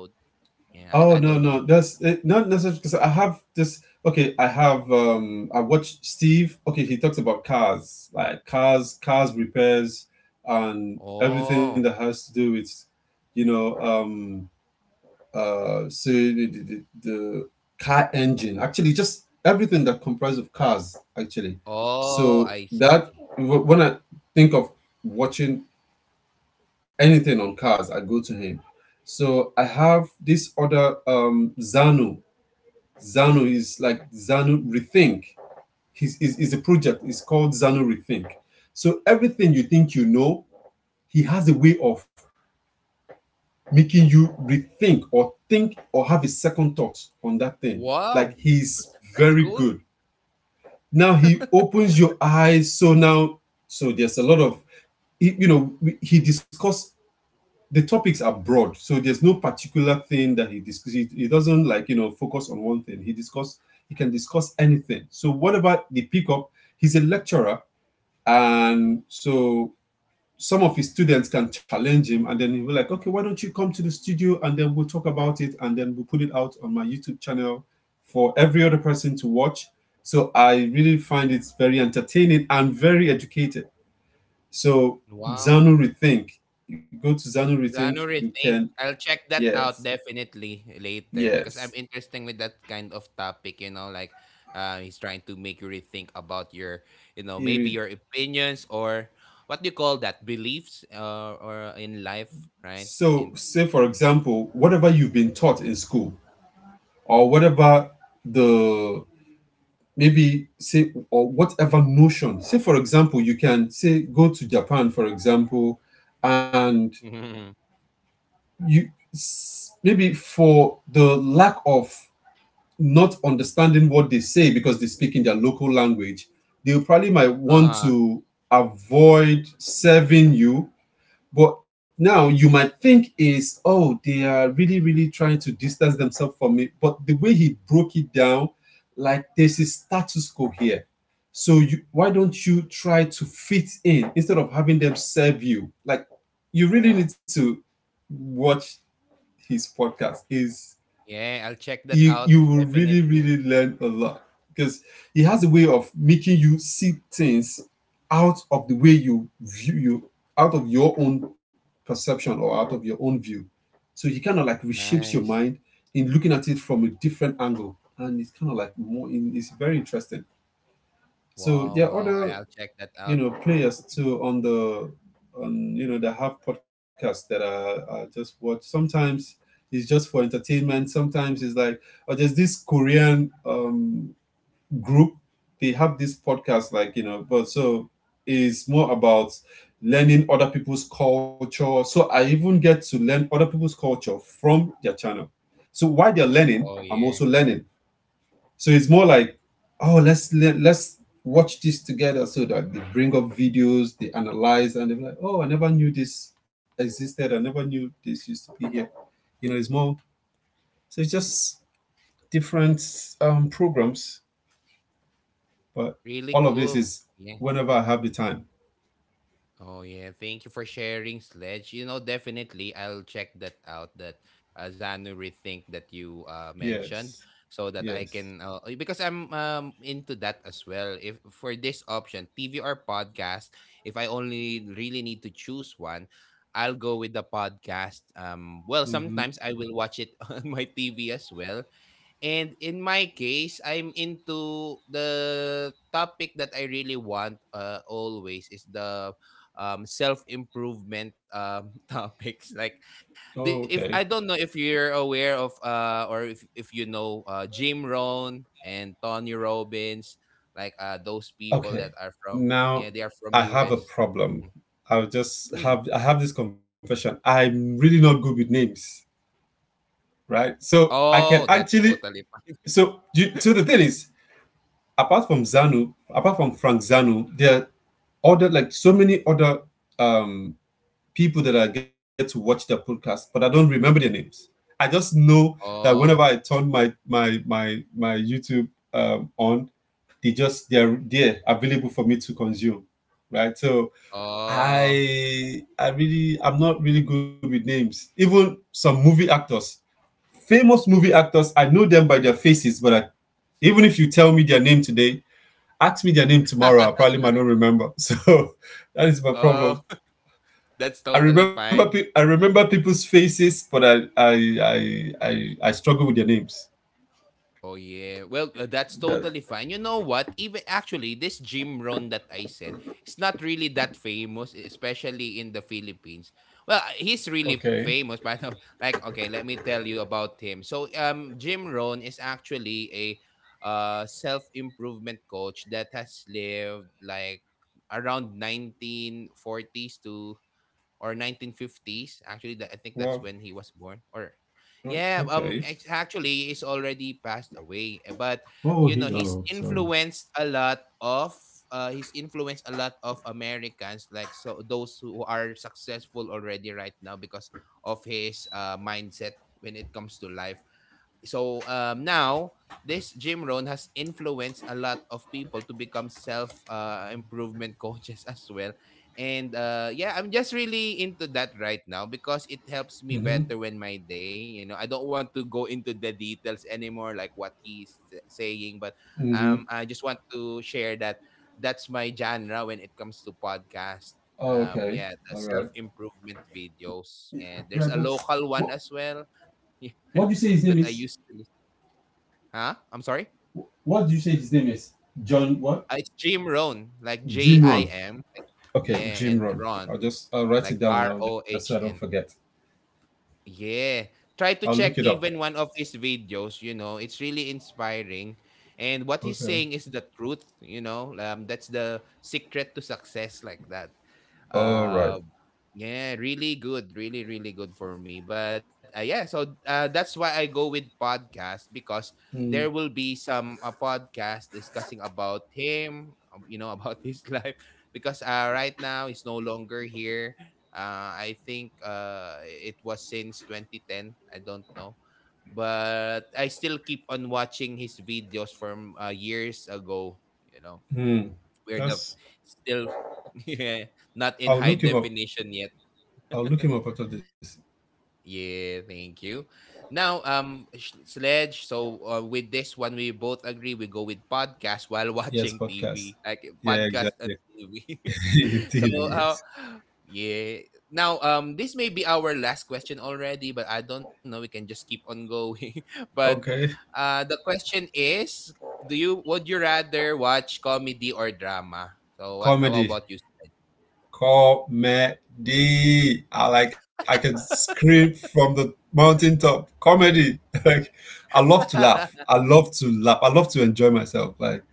Yeah, I oh don't no, know. no, that's it, not necessarily because I have this, okay, I have I watch Steve, okay, he talks about cars, like cars, cars repairs and everything Oh, that has to do with, you know, so the car engine actually, just everything that comprises of cars actually. oh, So I see. that wh- when I think of watching anything on cars, I go to him. So I have this other Zanu, Zanu is like Zanu Rethink. Is a project. It's called Zanu Rethink. So everything you think you know, he has a way of making you rethink or think or have a second thought on that thing. Like Wow, he's that's very good. cool. Now he opens your eyes. So now, so there's a lot of, you know, he discussed, the topics are broad, so there's no particular thing that he discusses. He doesn't, like, you know, focus on one thing. He discuss, he can discuss anything. So whatever they pick up, he's a lecturer, and so some of his students can challenge him, and then he'll be like, okay, why don't you come to the studio, and then we'll talk about it, and then we'll put it out on my YouTube channel for every other person to watch. So I really find it very entertaining and very educated. So Wow. Zanu Rethink. You go to Zanu Rethink, you Genre can. think. I'll check that Yes, out definitely later, because I'm yes. interested with that kind of topic, you know, like he's trying to make you rethink about your, you know, It maybe is. your opinions or what do you call that? Beliefs, or in life, right? So, And say for example, whatever you've been taught in school, or whatever the maybe say, or whatever notion, say for example, you can say go to Japan, for example, and you s- maybe for the lack of not understanding what they say because they speak in their local language, they probably might want uh to avoid serving you. But now you might think is, oh, they are really, really trying to distance themselves from me. But the way he broke it down, like there's a status quo here. So you, why don't you try to fit in instead of having them serve you? Like you really need to watch his podcast. Is yeah, I'll check that you, out you will really, definitely. really learn a lot because he has a way of making you see things out of the way you view you, out of your own perception or out of your own view. So he kind of like reshapes your Nice. mind in looking at it from a different angle, and it's kind of like more in, it's very interesting. So Wow, there are wow. Other, I'll check that out. you know, players too on the, on you know, they have podcasts that I just watch sometimes. It's just for entertainment. Sometimes it's like, oh, there's this Korean group, they have this podcast like, you know, but so it's more about learning other people's culture. So I even get to learn other people's culture from their channel, so while they're learning, Oh I'm yeah. also learning. So it's more like, oh, let's watch this together. So that they bring up videos, they analyze, and they're like, oh, I never knew this existed. I never knew this used to be here. You know, it's more. So it's just different programs, but Really all of this cool. is Yeah. whenever I have the time. Oh yeah, thank you for sharing, Sledge. You know, definitely I'll check that out. That, Zanury thing that you mentioned, Yes, so that I yes. can, because I'm into that as well. If for this option, TV or podcast, if I only really need to choose one, I'll go with the podcast. Well, sometimes I will watch it on my TV as well, and in my case, I'm into the topic that I really want, always, is the self improvement topics. Like, Oh, okay, if I don't know if you're aware of or if you know Jim Rohn and Tony Robbins, like those people that okay. are from, yeah, Now they are from I have a US. problem. Mm, mm. I have this confession. I'm really not good with names. Right? Oh, So that's I can totally actually, fine. so you, so the thing is, apart from Zanu, apart from Frank Zanu, there are other, like so many other um people that I get to watch their podcast, but I don't remember their names. I just know that whenever I Oh, turn my YouTube on, they just, they're there available for me to consume, right? So oh, I really, I'm not really good with names. Even some movie actors, famous movie actors, I know them by their faces, but even if you tell me their name today, ask me their name tomorrow, I probably might not remember. So that is my oh, problem. that's I totally remember pe- I fine. remember people's faces, but I I struggle with their names. Oh yeah. Well, that's That, totally fine. You know what? Even actually this Jim Rohn that I said, it's not really that famous, especially in the Philippines. Well, he's okay. really famous, but like okay, let me tell you about him. So, Jim Rohn is actually a self-improvement coach that has lived like around nineteen forties, to or 1950s. Actually, that, I Wow. think that's when he was born. Or Oh, yeah, okay. Actually, he's already passed away. But Oh, you he. know, Oh, sorry. He's influenced a lot of Americans, like, so those who are successful already right now because of his mindset when it comes to life. So now this Jim Rohn has influenced a lot of people to become self, improvement coaches as well. And yeah, I'm just really into that right now because it helps me Mm-hmm. better when my day. You know, I don't want to go into the details anymore, like what he's saying, but Mm-hmm. I just want to share that that's my genre when it comes to podcast. Oh, okay. Yeah, the All right. self improvement videos. Yeah, Yeah, that's there's a what. local one as well. What do you Yeah, say his name that I is? used to. Huh? I'm sorry? What do you say his name is? John. What? It's Jim Rohn, like J Jim I Jimron. M. Like- yeah, Okay, Jim and Run. Ron, I'll just, I'll write like it down R now O just so I don't H N. forget. Yeah. Try I'll to look it check up. even one of his videos, you know, it's really inspiring. And what he's Okay. saying is the truth, you know, that's the secret to success, like that. All right. Uh, Yeah, really good, really good for me. But yeah, so that's why I go with podcast because there Mm. will be some podcast discussing about him, you know, about his life because right now he's no longer here. I think it was since 2010. I don't know. But I still keep on watching his videos from years ago, you know. Hmm. We're the That's, still yeah, not in I'll high look him up. definition yet. I'll look him up after this. Yeah, thank you. Now, Sledge. So, with this one, we both agree we go with podcast while Yes, watching podcast. TV, like Yeah, podcast exactly. and TV. So, TV, uh, yes. yeah. Now, this may be our last question already, but I don't know. We can just keep on going. But, Okay. The question is, do you would you rather watch comedy or drama? So, what, how Comedy. about you? Comedy. I like I can scream from the mountaintop. Comedy. Like I love to laugh. I love to laugh. I love to enjoy myself. Like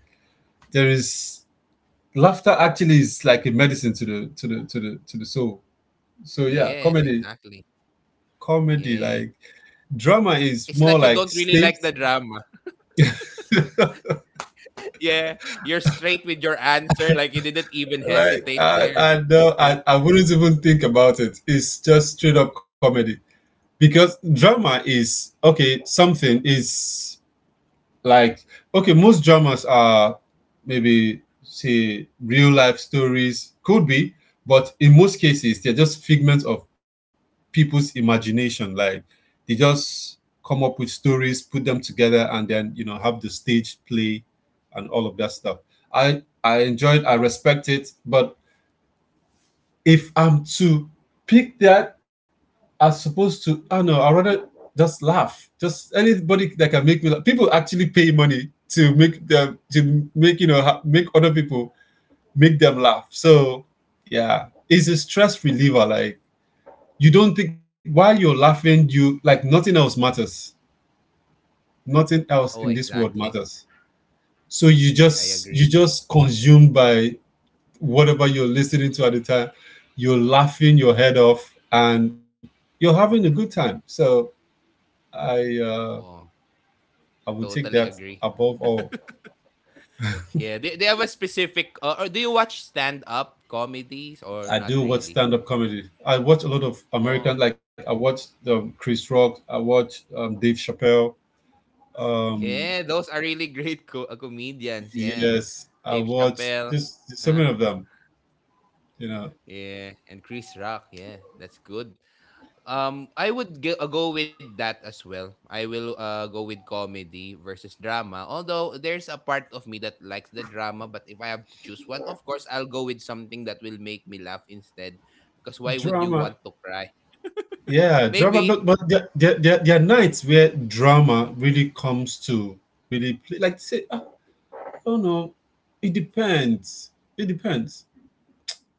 there is, laughter actually is like a medicine to the soul. So yeah, Yes, comedy, exactly. comedy, like Yeah. drama It's like you is don't more really like like the staged. drama. Yeah, you're straight with your answer. Like you didn't even Like hesitate there. I Yeah. don't, I wouldn't even think about it. It's just straight up comedy because drama is okay. Something is like, okay, most dramas are maybe say real life stories could be, but in most cases they're just figments of people's imagination, like they just come up with stories, put them together, and then you know, have the stage play and all of that stuff. I i enjoyed, I respect it, but if I'm to pick that, are supposed to, I don't know, I rather just laugh, just anybody that can make me laugh. People actually pay money to make them, to make, you know, ha- make other people, make them laugh. So yeah, it's a stress reliever. Like you don't think while you're laughing. You like nothing else matters, nothing else in Oh, this world exactly. matters. So you Yeah, I just, you agree. just consumed by whatever you're listening to at the time, you're laughing your head off and you're having a good time. So i uh Oh, I would take that totally agree. above all. Yeah, they have a specific. Or do you watch stand up comedies or I not do watch really? stand-up comedy. I watch a lot of Oh, American, like I watch Chris Rock, I watch Dave Chappelle. Um, yeah, those are really great comedians. Yeah, yes, I Dave watch Chappelle. just so many of them. You know, Yeah, and Chris Rock. Yeah, that's good. I would go with that as well. I will go with comedy versus drama. Although there's a part of me that likes the drama, but if I have to choose one, of course I'll go with something that will make me laugh instead. Because why would you want drama. to cry? Yeah, drama. Maybe, But there are nights where drama really comes to really play. Like say, I don't know. It depends. It depends.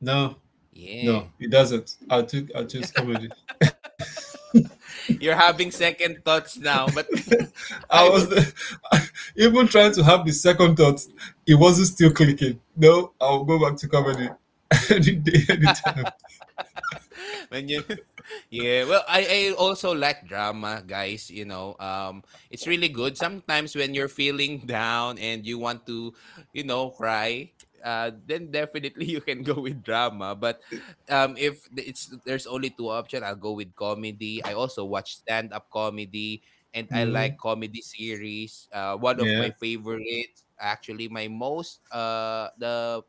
No, yeah, no, it doesn't. I choose comedy. you're having second thoughts now. But I I was would, even trying to have the second thought. It wasn't still clicking. No, I'll go back to comedy any day, anytime. when you, yeah, well, I also like drama guys, you know, it's really good sometimes when you're feeling down and you want to, you know, cry, then definitely you can go with drama. But if th- it's, there's only two options, I'll go with comedy. I also watch stand-up comedy and I like Mm-hmm. comedy series. One of my Yeah. favorites, actually my most the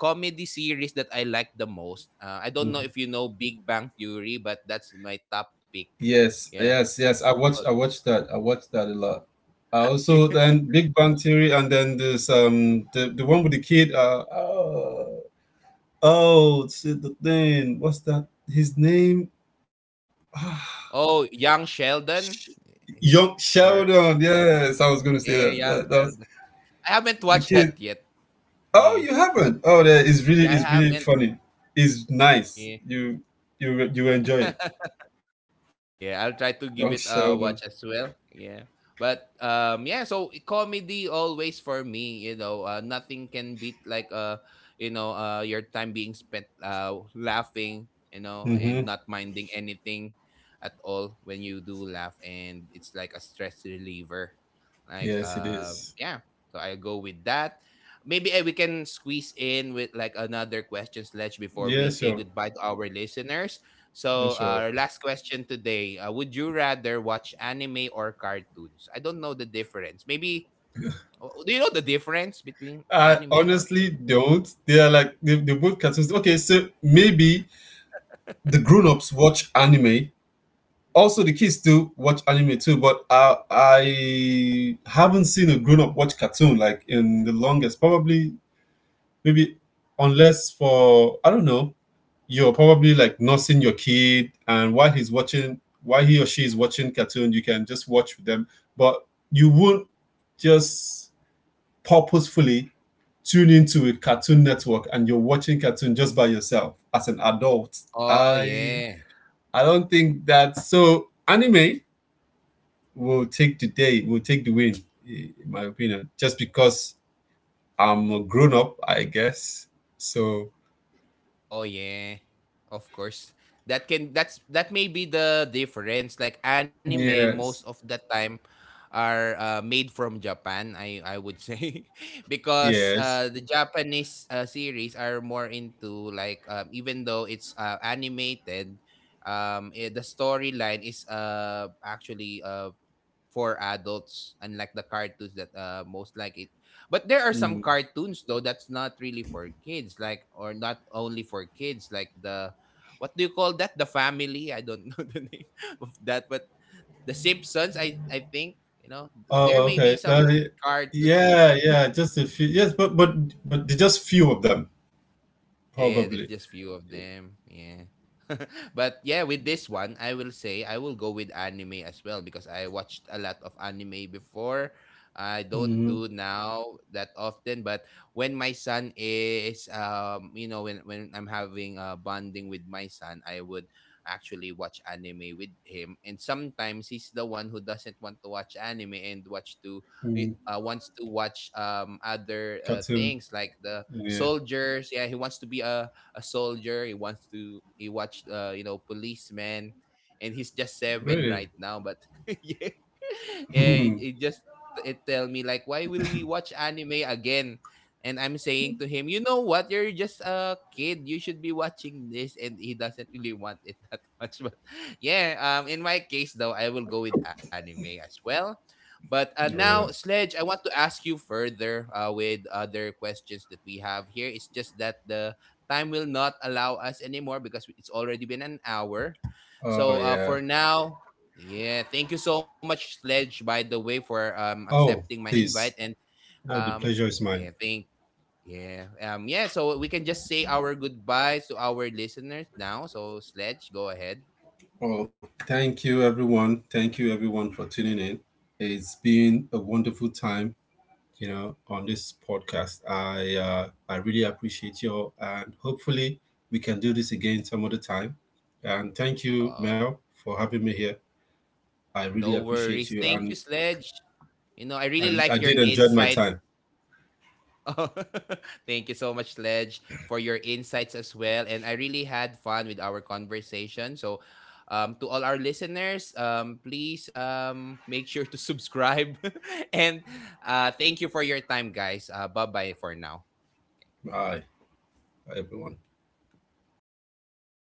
comedy series that I like the most. I don't know if you know Big Bang Theory, but that's my top pick. Yes. Yeah. Yes. Yes. I watched. I watched that. I watched that a lot. I Yeah. also, then Big Bang Theory, and then this the one with the kid. Oh, oh shit, the thing. What's that? His name? Oh, Young Sheldon, Young or Sheldon. Yes, I was going to say that. yeah, That, Young that was Sheldon. I haven't the watched kid. that yet. Oh, Yeah, you haven't. Oh, there is really, yeah, I is really haven't. funny. It's nice. Yeah. You you enjoy it. Yeah, I'll Young try to give it Sheldon. a watch as well. Yeah. But yeah, so comedy always for me, you know, nothing can beat like you know, your time being spent laughing, you know, and Mm-hmm. not minding anything at all when you do laugh. And it's like a stress reliever. Like Yes, it is. yeah, so I'll go with that. Maybe we can squeeze in with like another question, sledge, before we Yeah, say sure. goodbye to our listeners. So, Yeah, sure. Our last question today: would you rather watch anime or cartoons? I don't know the difference. Maybe, oh, do you know the difference between I anime or honestly cartoon? don't. They are like they both cartoons. Okay, so maybe the grown-ups watch anime. Also, the kids do watch anime too. But I haven't seen a grown-up watch cartoon like in the longest. Probably maybe, unless for, I don't know, you're probably like nursing your kid and while he's watching, while he or she is watching cartoon, you can just watch with them, but you won't just purposefully tune into a cartoon network and you're watching cartoon just by yourself as an adult. Oh i yeah. i don't think that. So anime will take the day, will take the win, I- in my opinion, just because I'm a grown up, I guess. So Oh yeah. Of course. That can, that's, that may be the difference. Like anime most yes, of the time are, made from Japan, I would say. Because yes. The Japanese series are more into like, even though it's animated, the storyline is actually for adults, unlike the cartoons that most like it. But there are some Mm. cartoons though that's not really for kids, like, or not only for kids, like the, what do you call that? The family. I don't know the name of that, but the Simpsons. I think, you know, there may Oh, be okay. some That- cartoons. yeah, yeah. Just a few. Yes, but there's just few of them Yeah, there's probably. just few of them. Yeah. But yeah, with this one, I will say I will go with anime as well because I watched a lot of anime before. I don't Hmm. do now that often, but when my son is, you know, when I'm having bonding with my son, I would actually watch anime with him. And sometimes he's the one who doesn't want to watch anime and watch to wants to watch other Cartoon. things like the Yeah. soldiers. Yeah, he wants to be a soldier. He wants to, he watch, you know, policeman, and he's just seven Really. right now, but yeah. Yeah, it just, it tell me like, why will we watch anime again? And I'm saying to him, you know what? You're just a kid. You should be watching this. And he doesn't really want it that much. But yeah, in my case though, I will go with anime as well. But Oh now, yeah. Sledge, I want to ask you further with other questions that we have here. It's just that the time will not allow us anymore because it's already been an hour. Oh So yeah. for now, yeah, thank you so much, Sledge, by the way, for accepting my Oh, invite. And please. No, the um, pleasure is yeah, mine. thank yeah. Yeah, so we can just say our goodbyes to our listeners now. So, Sledge, go ahead. Oh, thank you, everyone. Thank you, everyone, for tuning in. It's been a wonderful time, you know, on this podcast. I really appreciate you, and hopefully we can do this again some other time. And thank you, Uh, Mel, for having me here. I really no appreciate worries. you, Thank and you, Sledge. You know, I really I like did your enjoy my insights. time. Oh, thank you so much, Ledge, for your insights as well. And I really had fun with our conversation. So, to all our listeners, please make sure to subscribe. And thank you for your time, guys. Bye bye for now. Bye, everyone.